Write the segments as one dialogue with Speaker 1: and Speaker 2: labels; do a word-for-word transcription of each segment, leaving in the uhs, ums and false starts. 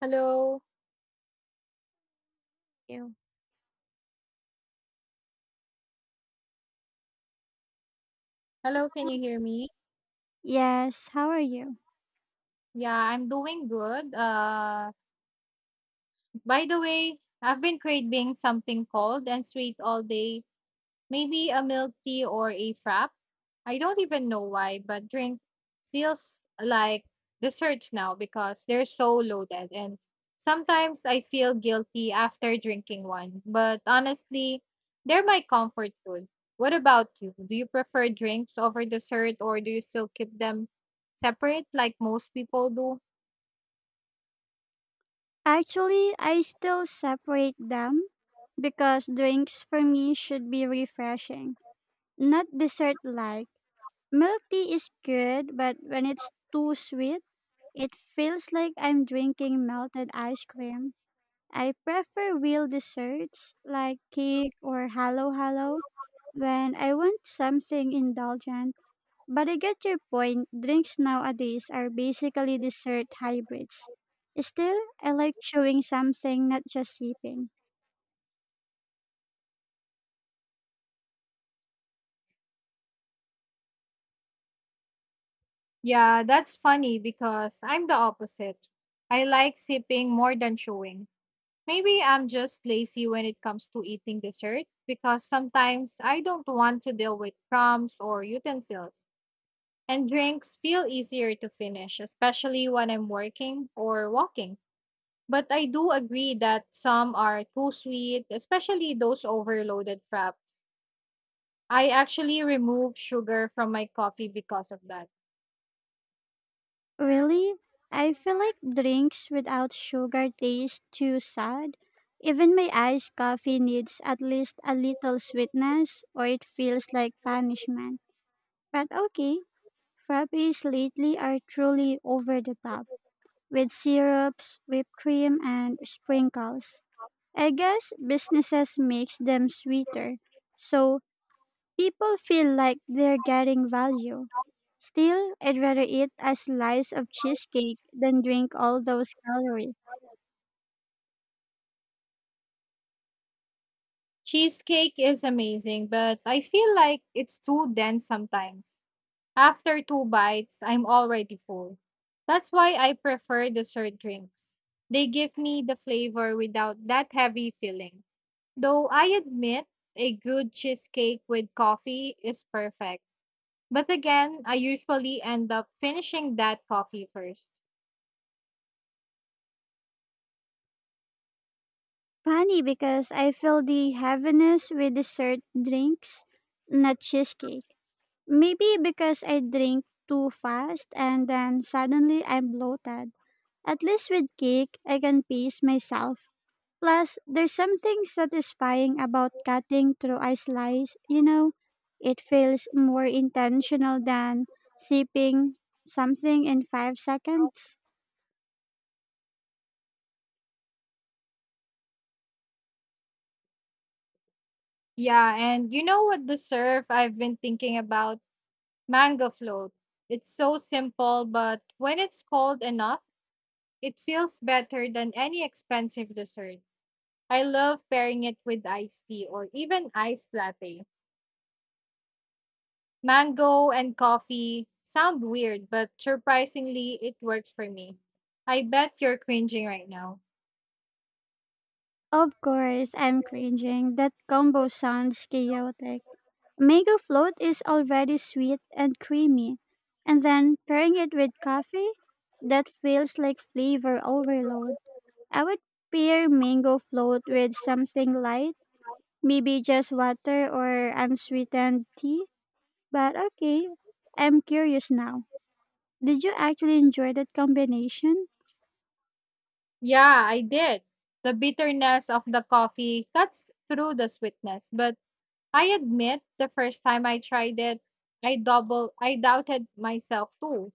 Speaker 1: Hello.
Speaker 2: You.
Speaker 1: Hello, can you hear me?
Speaker 2: Yes, how are you?
Speaker 1: Yeah, I'm doing good. Uh, by the way, I've been craving something cold and sweet all day. Maybe a milk tea or a frap. I don't even know why, but drink feels like desserts now because they're so loaded. And sometimes I feel guilty after drinking one. But honestly, they're my comfort food. What about you? Do you prefer drinks over dessert or do you still keep them separate like most people do?
Speaker 2: Actually, I still separate them because drinks for me should be refreshing, not dessert like. Milk tea is good, but when it's too sweet, it feels like I'm drinking melted ice cream. I prefer real desserts like cake or halo halo when I want something indulgent. But I get your point. Drinks nowadays are basically dessert hybrids. Still, I like chewing something, not just sipping.
Speaker 1: Yeah, that's funny because I'm the opposite. I like sipping more than chewing. Maybe I'm just lazy when it comes to eating dessert because sometimes I don't want to deal with crumbs or utensils. And drinks feel easier to finish, especially when I'm working or walking. But I do agree that some are too sweet, especially those overloaded fraps. I actually remove sugar from my coffee because of that.
Speaker 2: Really? I feel like drinks without sugar taste too sad. Even my iced coffee needs at least a little sweetness, or it feels like punishment. But okay, frappes lately are truly over the top, with syrups, whipped cream, and sprinkles. I guess businesses makes them sweeter, so people feel like they're getting value. Still, I'd rather eat a slice of cheesecake than drink all those calories.
Speaker 1: Cheesecake is amazing, but I feel like it's too dense sometimes. After two bites, I'm already full. That's why I prefer dessert drinks. They give me the flavor without that heavy feeling. Though I admit a good cheesecake with coffee is perfect. But again, I usually end up finishing that coffee first.
Speaker 2: Funny because I feel the heaviness with dessert drinks, not cheesecake. Maybe because I drink too fast and then suddenly I'm bloated. At least with cake, I can pace myself. Plus, there's something satisfying about cutting through a slice, you know? It feels more intentional than sipping something in five seconds.
Speaker 1: Yeah, and you know what dessert I've been thinking about? Mango float. It's so simple, but when it's cold enough, it feels better than any expensive dessert. I love pairing it with iced tea or even iced latte. Mango and coffee sound weird, but surprisingly, it works for me. I bet you're cringing right now.
Speaker 2: Of course, I'm cringing. That combo sounds chaotic. Mango float is already sweet and creamy, and then pairing it with coffee, that feels like flavor overload. I would pair mango float with something light. Maybe just water or unsweetened tea? But okay, I'm curious now. Did you actually enjoy that combination?
Speaker 1: Yeah, I did. The bitterness of the coffee cuts through the sweetness, but I admit the first time I tried it, I double I doubted myself too.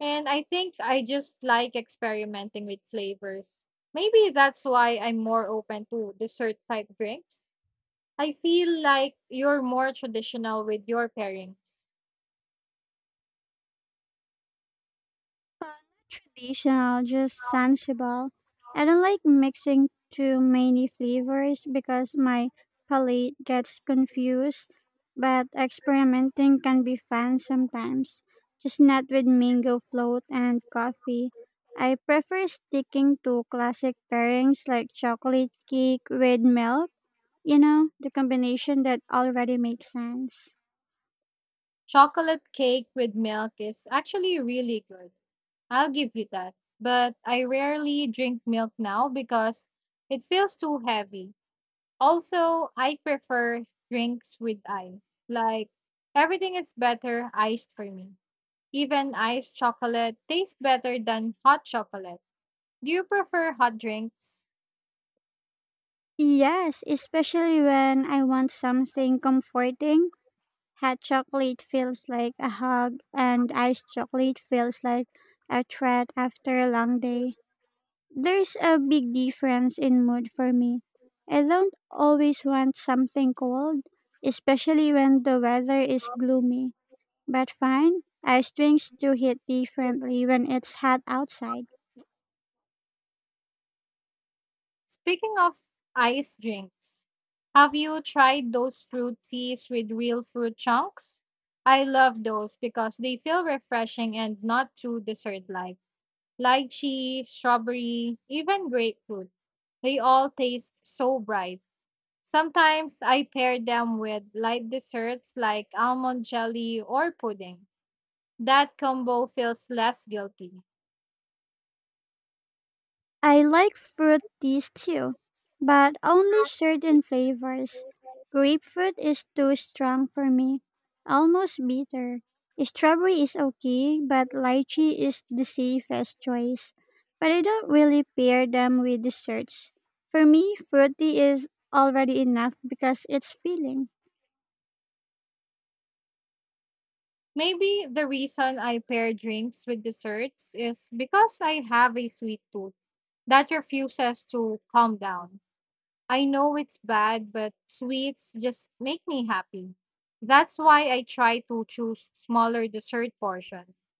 Speaker 1: And I think I just like experimenting with flavors. Maybe that's why I'm more open to dessert type drinks. I feel like you're more traditional with your pairings.
Speaker 2: Uh, not traditional, just sensible. I don't like mixing too many flavors because my palate gets confused, but experimenting can be fun sometimes. Just not with mango float and coffee. I prefer sticking to classic pairings like chocolate cake with milk. You know, the combination that already makes sense.
Speaker 1: Chocolate cake with milk is actually really good. I'll give you that. But I rarely drink milk now because it feels too heavy. Also, I prefer drinks with ice. Like everything is better iced for me. Even iced chocolate tastes better than hot chocolate. Do you prefer hot drinks?
Speaker 2: Yes, especially when I want something comforting. Hot chocolate feels like a hug, and iced chocolate feels like a treat after a long day. There's a big difference in mood for me. I don't always want something cold, especially when the weather is gloomy. But fine, iced drinks do hit differently when it's hot outside.
Speaker 1: Speaking of ice drinks, have you tried those fruit teas with real fruit chunks? I love those because they feel refreshing and not too dessert like. Lychee, strawberry, even grapefruit. They all taste so bright. Sometimes I pair them with light desserts like almond jelly or pudding. That combo feels less guilty.
Speaker 2: I like fruit teas too, but only certain flavors. Grapefruit is too strong for me, almost bitter. Strawberry is okay, but lychee is the safest choice. But I don't really pair them with desserts. For me, fruity is already enough because it's filling.
Speaker 1: Maybe the reason I pair drinks with desserts is because I have a sweet tooth that refuses to calm down. I know it's bad, but sweets just make me happy. That's why I try to choose smaller dessert portions.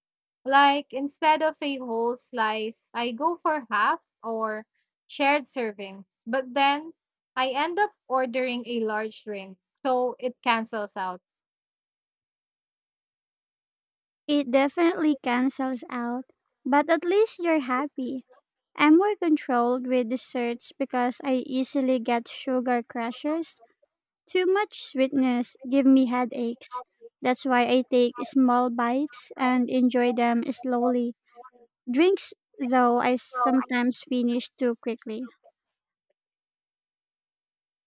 Speaker 1: Like instead of a whole slice, I go for half or shared servings. But then I end up ordering a large drink, so it cancels out.
Speaker 2: It definitely cancels out, but at least you're happy. I'm more controlled with desserts because I easily get sugar crashes. Too much sweetness give me headaches. That's why I take small bites and enjoy them slowly. Drinks, though, I sometimes finish too quickly.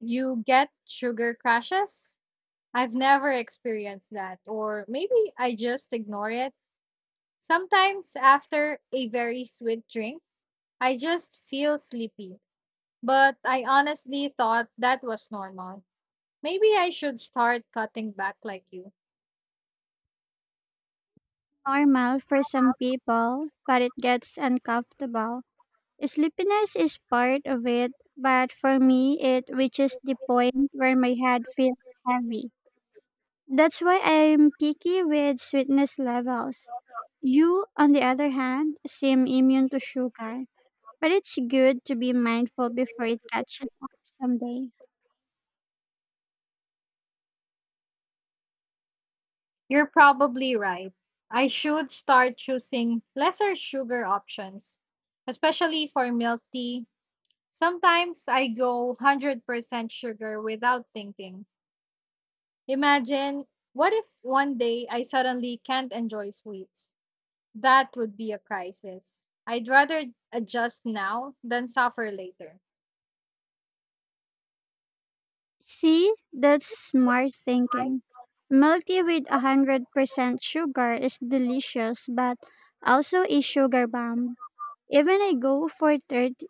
Speaker 1: You get sugar crashes? I've never experienced that, or maybe I just ignore it. Sometimes, after a very sweet drink, I just feel sleepy, but I honestly thought that was normal. Maybe I should start cutting back like you.
Speaker 2: Normal for some people, but it gets uncomfortable. Sleepiness is part of it, but for me, it reaches the point where my head feels heavy. That's why I'm picky with sweetness levels. You, on the other hand, seem immune to sugar, but it's good to be mindful before it catches up someday.
Speaker 1: You're probably right. I should start choosing lesser sugar options, especially for milk tea. Sometimes I go one hundred percent sugar without thinking. Imagine what if one day I suddenly can't enjoy sweets? That would be a crisis. I'd rather adjust now than suffer later.
Speaker 2: See, that's smart thinking. Milk tea with one hundred percent sugar is delicious, but also a sugar bomb. Even I go for thirty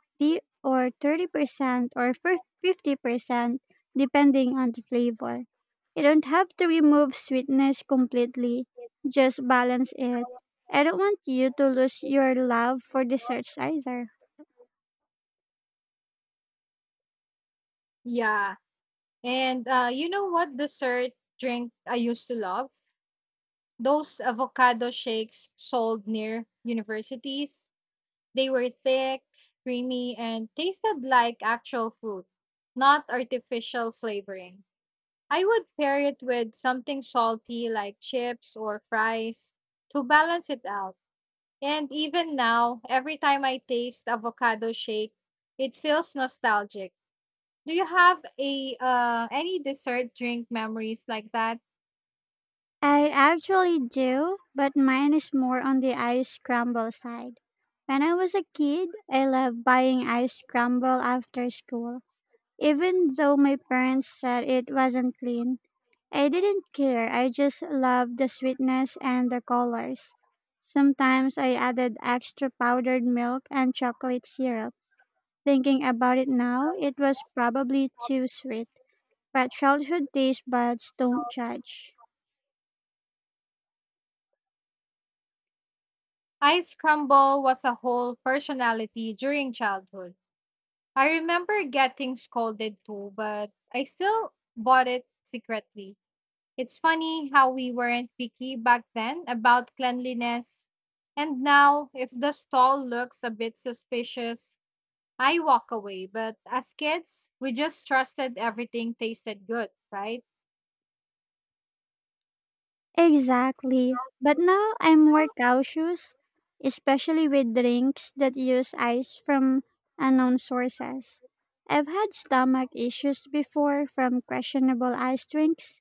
Speaker 2: or thirty percent or fif- fifty percent depending on the flavor. You don't have to remove sweetness completely, just balance it. I don't want you to lose your love for desserts either.
Speaker 1: Yeah. And uh, you know what dessert drink I used to love? Those avocado shakes sold near universities. They were thick, creamy, and tasted like actual fruit, not artificial flavoring. I would pair it with something salty like chips or fries to balance it out. And even now, every time I taste avocado shake, it feels nostalgic. Do you have a uh, any dessert drink memories like that?
Speaker 2: I actually do, but mine is more on the ice scramble side. When I was a kid, I loved buying ice scramble after school, even though my parents said it wasn't clean. I didn't care. I just loved the sweetness and the colors. Sometimes I added extra powdered milk and chocolate syrup. Thinking about it now, it was probably too sweet. But childhood taste buds don't judge.
Speaker 1: Ice crumble was a whole personality during childhood. I remember getting scolded too, but I still bought it secretly. It's funny how we weren't picky back then about cleanliness. And now, if the stall looks a bit suspicious, I walk away. But as kids, we just trusted everything tasted good, right?
Speaker 2: Exactly. But now I'm more cautious, especially with drinks that use ice from unknown sources. I've had stomach issues before from questionable ice drinks.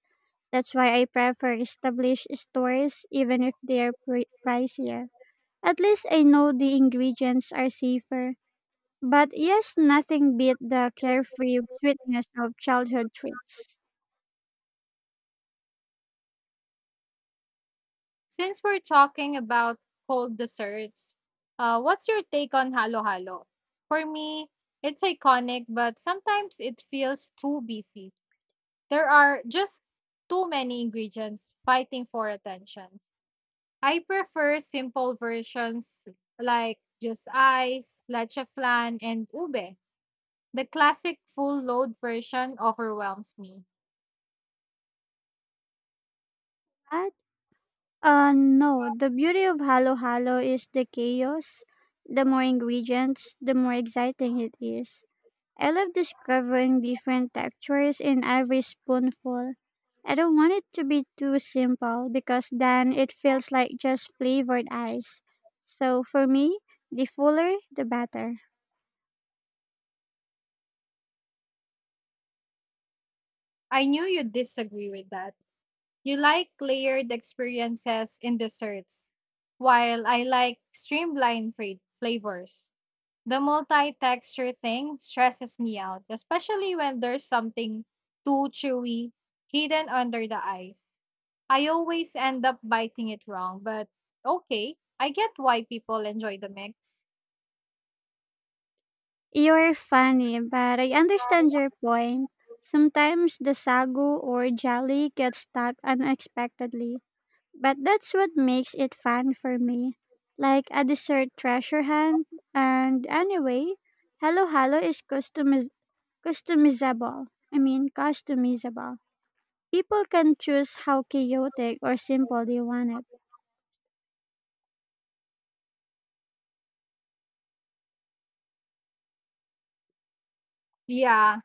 Speaker 2: That's why I prefer established stores even if they're pri pricier. At least I know the ingredients are safer. But yes, nothing beat the carefree sweetness of childhood treats.
Speaker 1: Since we're talking about cold desserts, uh, what's your take on halo halo? For me, it's iconic, but sometimes it feels too busy. There are just too many ingredients fighting for attention. I prefer simple versions like just ice, leche flan, and ube. The classic full load version overwhelms me.
Speaker 2: But uh no, the beauty of halo halo is the chaos. The more ingredients, the more exciting it is. I love discovering different textures in every spoonful. I don't want it to be too simple because then it feels like just flavored ice. So for me, the fuller, the better.
Speaker 1: I knew you'd disagree with that. You like layered experiences in desserts, while I like streamlined fra- flavors. The multi-texture thing stresses me out, especially when there's something too chewy hidden under the ice. I always end up biting it wrong, but okay, I get why people enjoy the mix.
Speaker 2: You're funny, but I understand your point. Sometimes the sagu or jelly gets stuck unexpectedly, but that's what makes it fun for me. Like a dessert treasure hunt. And anyway, Hello Hello is customiz- customizable. I mean, customizable. People can choose how chaotic or simple they want it.
Speaker 1: Yeah,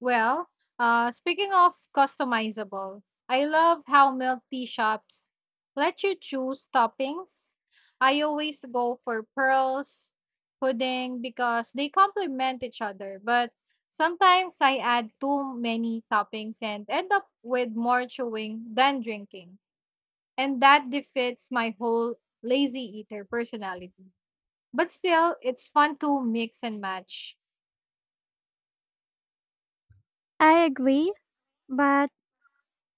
Speaker 1: Well, uh, speaking of customizable, I love how milk tea shops let you choose toppings. I always go for pearls, pudding because they complement each other. But sometimes I add too many toppings and end up with more chewing than drinking. And that defeats my whole lazy eater personality. But still, it's fun to mix and match.
Speaker 2: I agree, but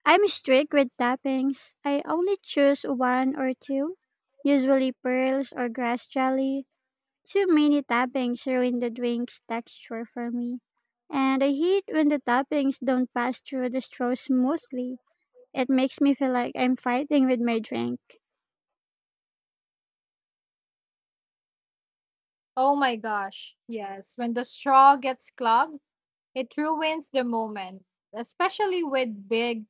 Speaker 2: I'm strict with toppings. I only choose one or two, usually pearls or grass jelly. Too many toppings ruin the drink's texture for me. And I hate when the toppings don't pass through the straw smoothly. It makes me feel like I'm fighting with my drink.
Speaker 1: Oh my gosh, yes. When the straw gets clogged, it ruins the moment, especially with big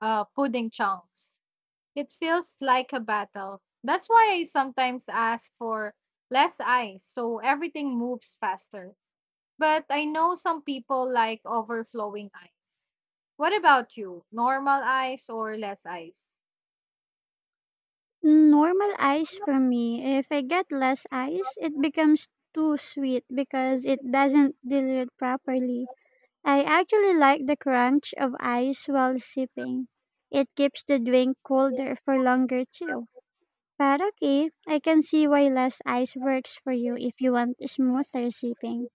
Speaker 1: uh, pudding chunks. It feels like a battle. That's why I sometimes ask for less ice so everything moves faster. But I know some people like overflowing ice. What about you? Normal ice or less ice?
Speaker 2: Normal ice for me. If I get less ice, it becomes too sweet because it doesn't dilute properly. I actually like the crunch of ice while sipping. It keeps the drink colder for longer too. But okay, I can see why less ice works for you if you want smoother sipping.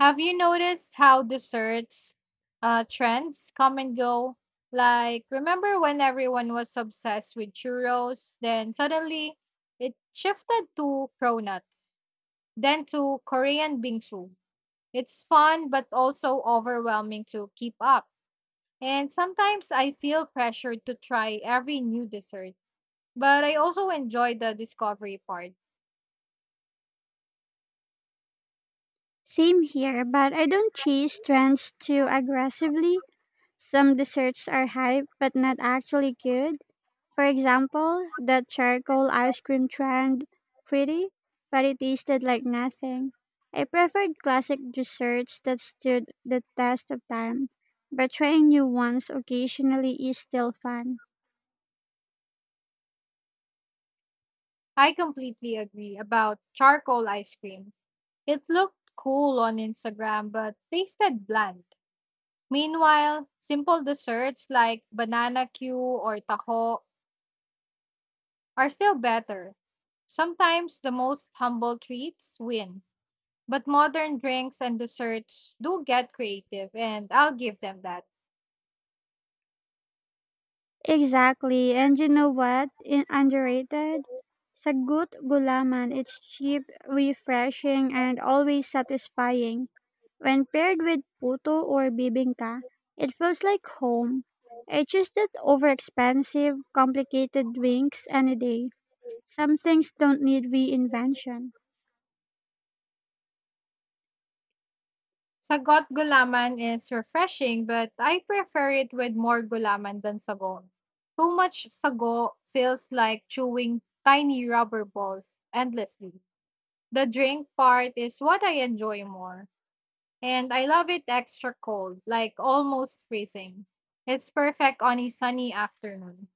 Speaker 1: Have you noticed how desserts uh, trends come and go? Like, remember when everyone was obsessed with churros? Then suddenly it shifted to cronuts, then to Korean bingsu. It's fun, but also overwhelming to keep up. And sometimes I feel pressured to try every new dessert, but I also enjoy the discovery part.
Speaker 2: Same here, but I don't chase trends too aggressively. Some desserts are hype but not actually good. For example, the charcoal ice cream trend, pretty, but it tasted like nothing. I preferred classic desserts that stood the test of time, but trying new ones occasionally is still fun.
Speaker 1: I completely agree about charcoal ice cream. It looked cool on Instagram but tasted bland. Meanwhile, simple desserts like banana Q or taho are still better. Sometimes the most humble treats win, but modern drinks and desserts do get creative, and I'll give them that.
Speaker 2: Exactly. And you know what? In underrated? Sagut gulaman. It's cheap, refreshing, and always satisfying. When paired with puto or bibingka, it feels like home. It's just that overexpensive, complicated drinks any day. Some things don't need reinvention.
Speaker 1: Sagot gulaman is refreshing, but I prefer it with more gulaman than sagon. Too much sago feels like chewing tiny rubber balls endlessly. The drink part is what I enjoy more, and I love it extra cold, like almost freezing. It's perfect on a sunny afternoon.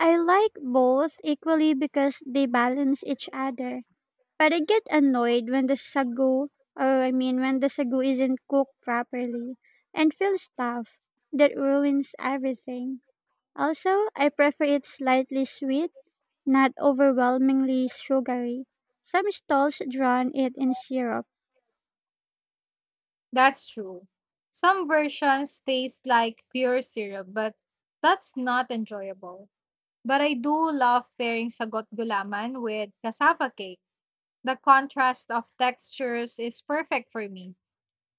Speaker 2: I like both equally because they balance each other. But I get annoyed when the sagu, or I mean, when the sagu isn't cooked properly and feels tough. That ruins everything. Also, I prefer it slightly sweet, not overwhelmingly sugary. Some stalls drown it in syrup.
Speaker 1: That's true. Some versions taste like pure syrup, but that's not enjoyable. But I do love pairing sagot gulaman with cassava cake. The contrast of textures is perfect for me.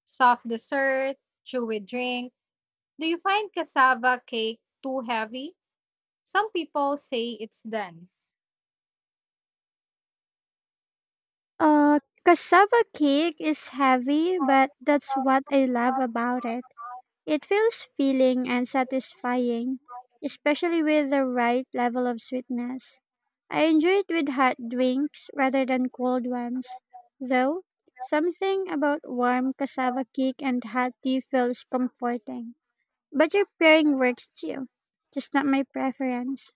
Speaker 1: Soft dessert, chewy drink. Do you find cassava cake too heavy? Some people say it's dense.
Speaker 2: Uh, cassava cake is heavy, but that's what I love about it. It feels filling and satisfying, especially with the right level of sweetness. I enjoy it with hot drinks rather than cold ones. Though, something about warm cassava cake and hot tea feels comforting. But your pairing works too, just not my preference.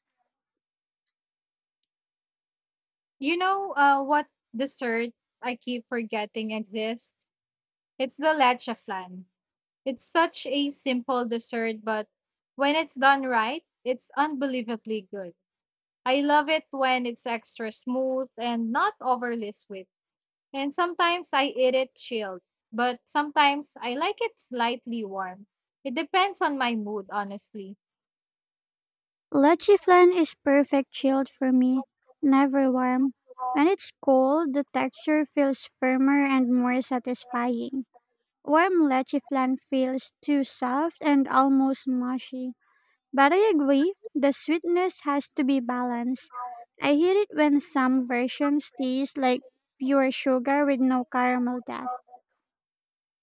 Speaker 1: You know uh, what dessert I keep forgetting exists? It's the leche flan. It's such a simple dessert, but when it's done right, it's unbelievably good. I love it when it's extra smooth and not overly sweet. And sometimes I eat it chilled, but sometimes I like it slightly warm. It depends on my mood, honestly.
Speaker 2: Leche flan is perfect chilled for me, never warm. When it's cold, the texture feels firmer and more satisfying. Warm leche flan feels too soft and almost mushy. But I agree, the sweetness has to be balanced. I hate it when some versions taste like pure sugar with no caramel depth.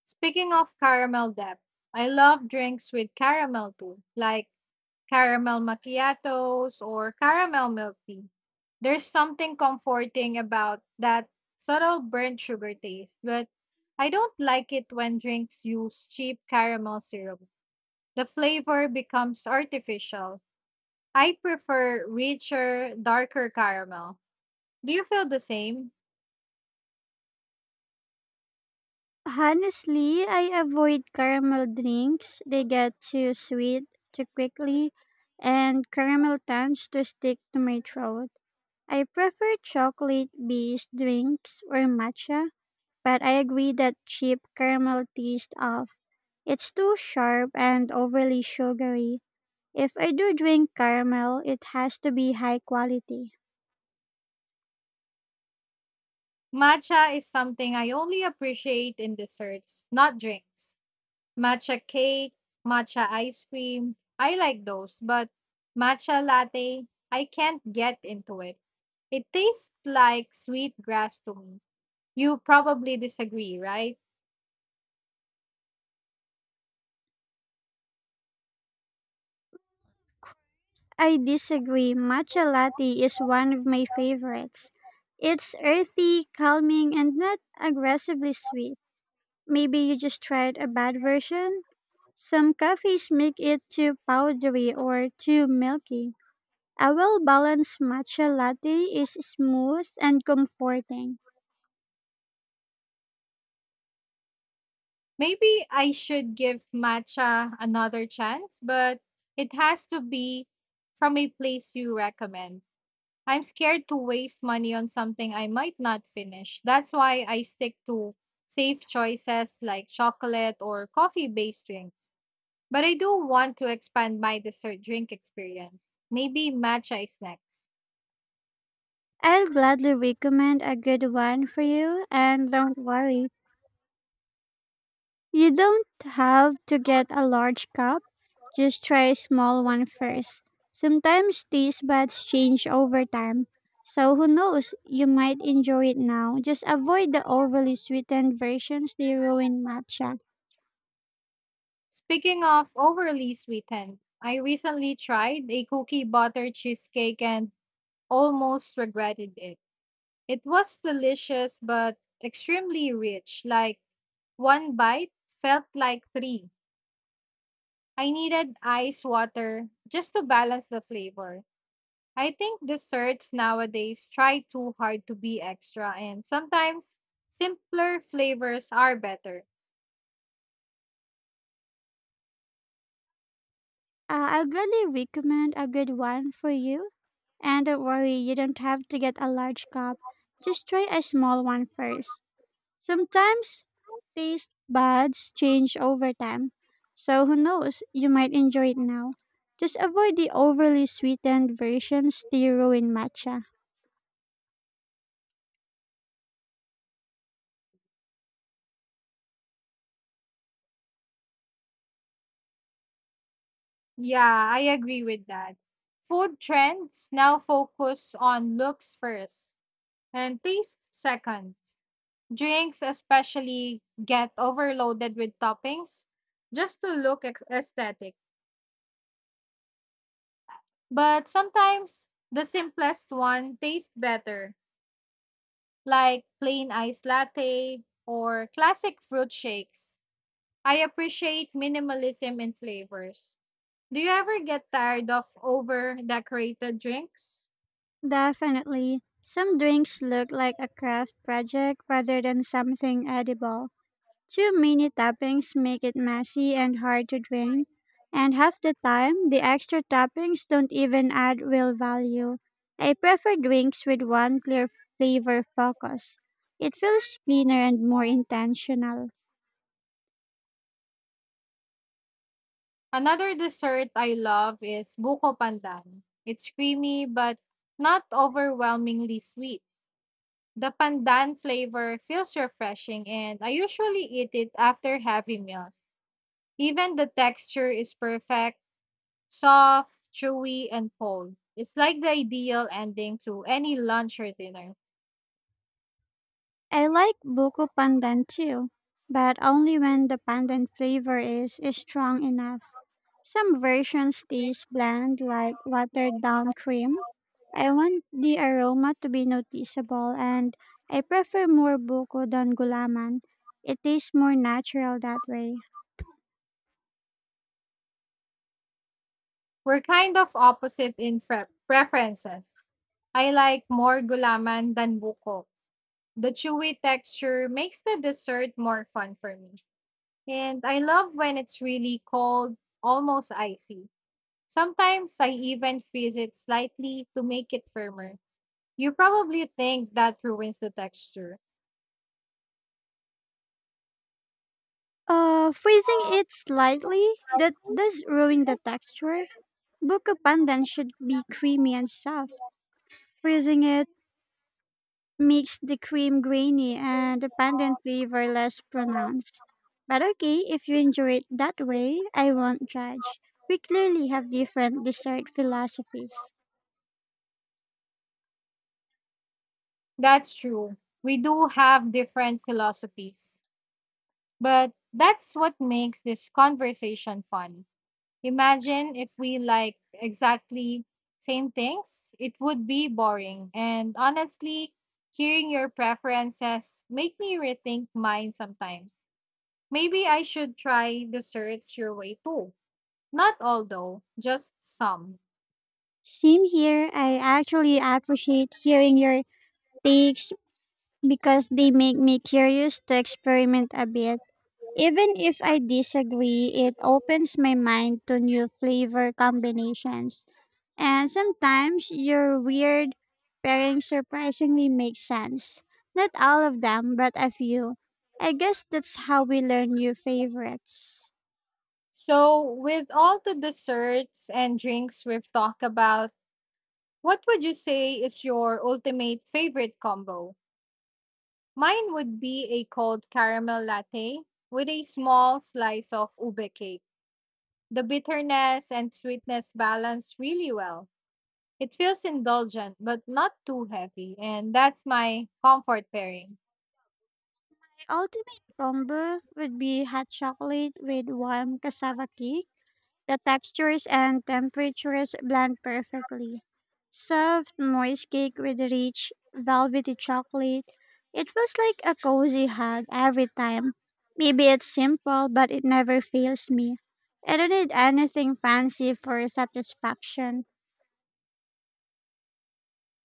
Speaker 1: Speaking of caramel depth, I love drinks with caramel too, like caramel macchiatos or caramel milk tea. There's something comforting about that subtle burnt sugar taste, but I don't like it when drinks use cheap caramel syrup. The flavor becomes artificial. I prefer richer, darker caramel. Do you feel the same?
Speaker 2: Honestly, I avoid caramel drinks. They get too sweet too quickly, and caramel tends to stick to my throat. I prefer chocolate based drinks or matcha, but I agree that cheap caramel taste of it's too sharp and overly sugary. If I do drink caramel, it has to be high quality.
Speaker 1: Matcha is something I only appreciate in desserts, not drinks. Matcha cake, matcha ice cream, I like those, but matcha latte, I can't get into it. It tastes like sweet grass to me. You probably disagree, right?
Speaker 2: I disagree. Matcha latte is one of my favorites. It's earthy, calming, and not aggressively sweet. Maybe you just tried a bad version? Some coffees make it too powdery or too milky. A well balanced matcha latte is smooth and comforting.
Speaker 1: Maybe I should give matcha another chance, but it has to be from a place you recommend. I'm scared to waste money on something I might not finish. That's why I stick to safe choices like chocolate or coffee based drinks. But I do want to expand my dessert drink experience. Maybe matcha is next.
Speaker 2: I'll gladly recommend a good one for you, and don't worry, you don't have to get a large cup. Just try a small one first. Sometimes these baths change over time, so who knows, you might enjoy it now. Just avoid the overly sweetened versions, they ruin matcha.
Speaker 1: Speaking of overly sweetened, I recently tried a cookie butter cheesecake and almost regretted it. It was delicious but extremely rich. Like one bite felt like three. I needed ice water just to balance the flavor. I think desserts nowadays try too hard to be extra, and sometimes simpler flavors are better.
Speaker 2: Uh, I'll gladly recommend a good one for you, and don't worry, you don't have to get a large cup. Just try a small one first. Sometimes taste buds change over time, so who knows, you might enjoy it now. Just avoid the overly sweetened versions they ruin matcha.
Speaker 1: Yeah, I agree with that. Food trends now focus on looks first and taste second. Drinks, especially, get overloaded with toppings just to look ex- aesthetic. But sometimes the simplest one tastes better, like plain iced latte or classic fruit shakes. I appreciate minimalism in flavors. Do you ever get tired of over decorated drinks?
Speaker 2: Definitely, some drinks look like a craft project rather than something edible. Too many toppings make it messy and hard to drink, and half the time, the extra toppings don't even add real value. I prefer drinks with one clear flavor focus. It feels cleaner and more intentional.
Speaker 1: Another dessert I love is buko pandan. It's creamy but not overwhelmingly sweet. The pandan flavor feels refreshing and I usually eat it after heavy meals. Even the texture is perfect, soft, chewy, and full. It's like the ideal ending to any lunch or dinner.
Speaker 2: I like buko pandan too, but only when the pandan flavor is, is strong enough. Some versions taste bland like watered down cream. I want the aroma to be noticeable and I prefer more buko than gulaman. It tastes more natural that way.
Speaker 1: We're kind of opposite in pre- preferences. I like more gulaman than buko. The chewy texture makes the dessert more fun for me. And I love when it's really cold, almost icy. Sometimes I even freeze it slightly to make it firmer. You probably think that ruins the texture.
Speaker 2: Uh, freezing it slightly, that does ruin the texture. Buko pandan should be creamy and soft. Freezing it makes the cream grainy and the pandan flavor less pronounced. But okay, if you enjoy it that way, I won't judge. We clearly have different dessert philosophies.
Speaker 1: That's true. We do have different philosophies. But that's what makes this conversation fun. Imagine if we like exactly same things, it would be boring. And honestly, hearing your preferences make me rethink mine sometimes. Maybe I should try desserts your way too. Not all though, just some.
Speaker 2: Same here, I actually appreciate hearing your takes because they make me curious to experiment a bit. Even if I disagree, it opens my mind to new flavor combinations. And sometimes your weird pairings surprisingly make sense. Not all of them, but a few. I guess that's how we learn new favorites.
Speaker 1: So, with all the desserts and drinks we've talked about, what would you say is your ultimate favorite combo? Mine would be a cold caramel latte with a small slice of ube cake. The bitterness and sweetness balance really well. It feels indulgent but not too heavy, and that's my comfort pairing.
Speaker 2: My ultimate combo would be hot chocolate with warm cassava cake. The textures and temperatures blend perfectly. Soft, moist cake with rich, velvety chocolate. It feels like a cozy hug every time. Maybe it's simple, but it never fails me. I don't need anything fancy for satisfaction.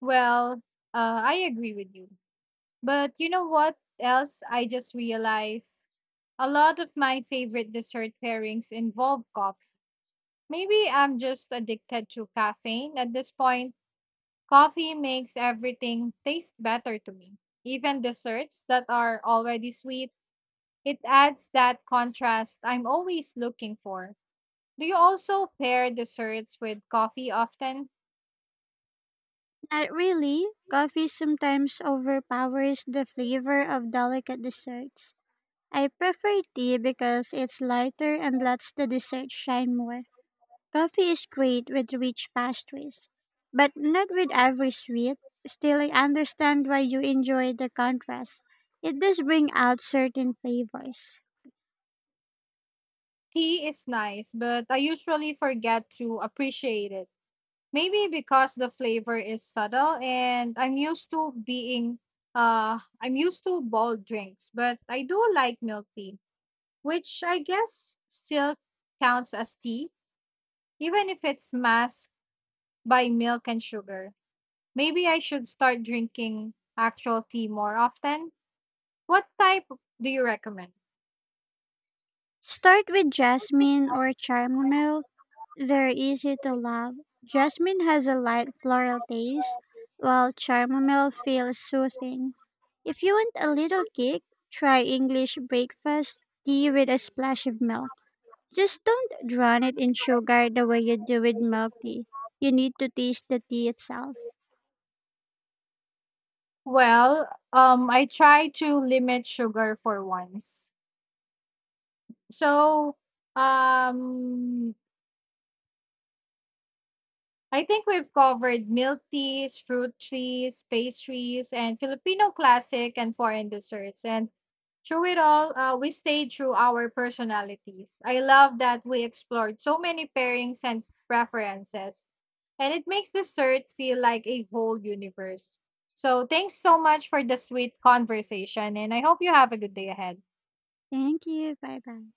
Speaker 1: Well, uh, I agree with you. But you know what else I just realized? A lot of my favorite dessert pairings involve coffee. Maybe I'm just addicted to caffeine at this point. Coffee makes everything taste better to me. Even desserts that are already sweet, it adds that contrast I'm always looking for. Do you also pair desserts with coffee often?
Speaker 2: Not really. Coffee sometimes overpowers the flavor of delicate desserts. I prefer tea because it's lighter and lets the dessert shine more. Coffee is great with rich pastries, but not with every sweet. Still, I understand why you enjoy the contrast. It does bring out certain flavors.
Speaker 1: Tea is nice, but I usually forget to appreciate it. Maybe because the flavor is subtle and I'm used to being uh I'm used to bold drinks, but I do like milk tea, which I guess still counts as tea even if it's masked by milk and sugar. Maybe I should start drinking actual tea more often. What type do you recommend?
Speaker 2: Start with jasmine or chamomile. They're easy to love. Jasmine has a light floral taste, while chamomile feels soothing. If you want a little kick, try English breakfast tea with a splash of milk. Just don't drown it in sugar the way you do with milk tea. You need to taste the tea itself.
Speaker 1: Well, um, I try to limit sugar for once. So, um, I think we've covered milk teas, fruit trees, pastries, and Filipino classic and foreign desserts. And through it all, uh, we stayed true our personalities. I love that we explored so many pairings and preferences. And it makes dessert feel like a whole universe. So thanks so much for the sweet conversation. And I hope you have a good day ahead.
Speaker 2: Thank you. Bye bye.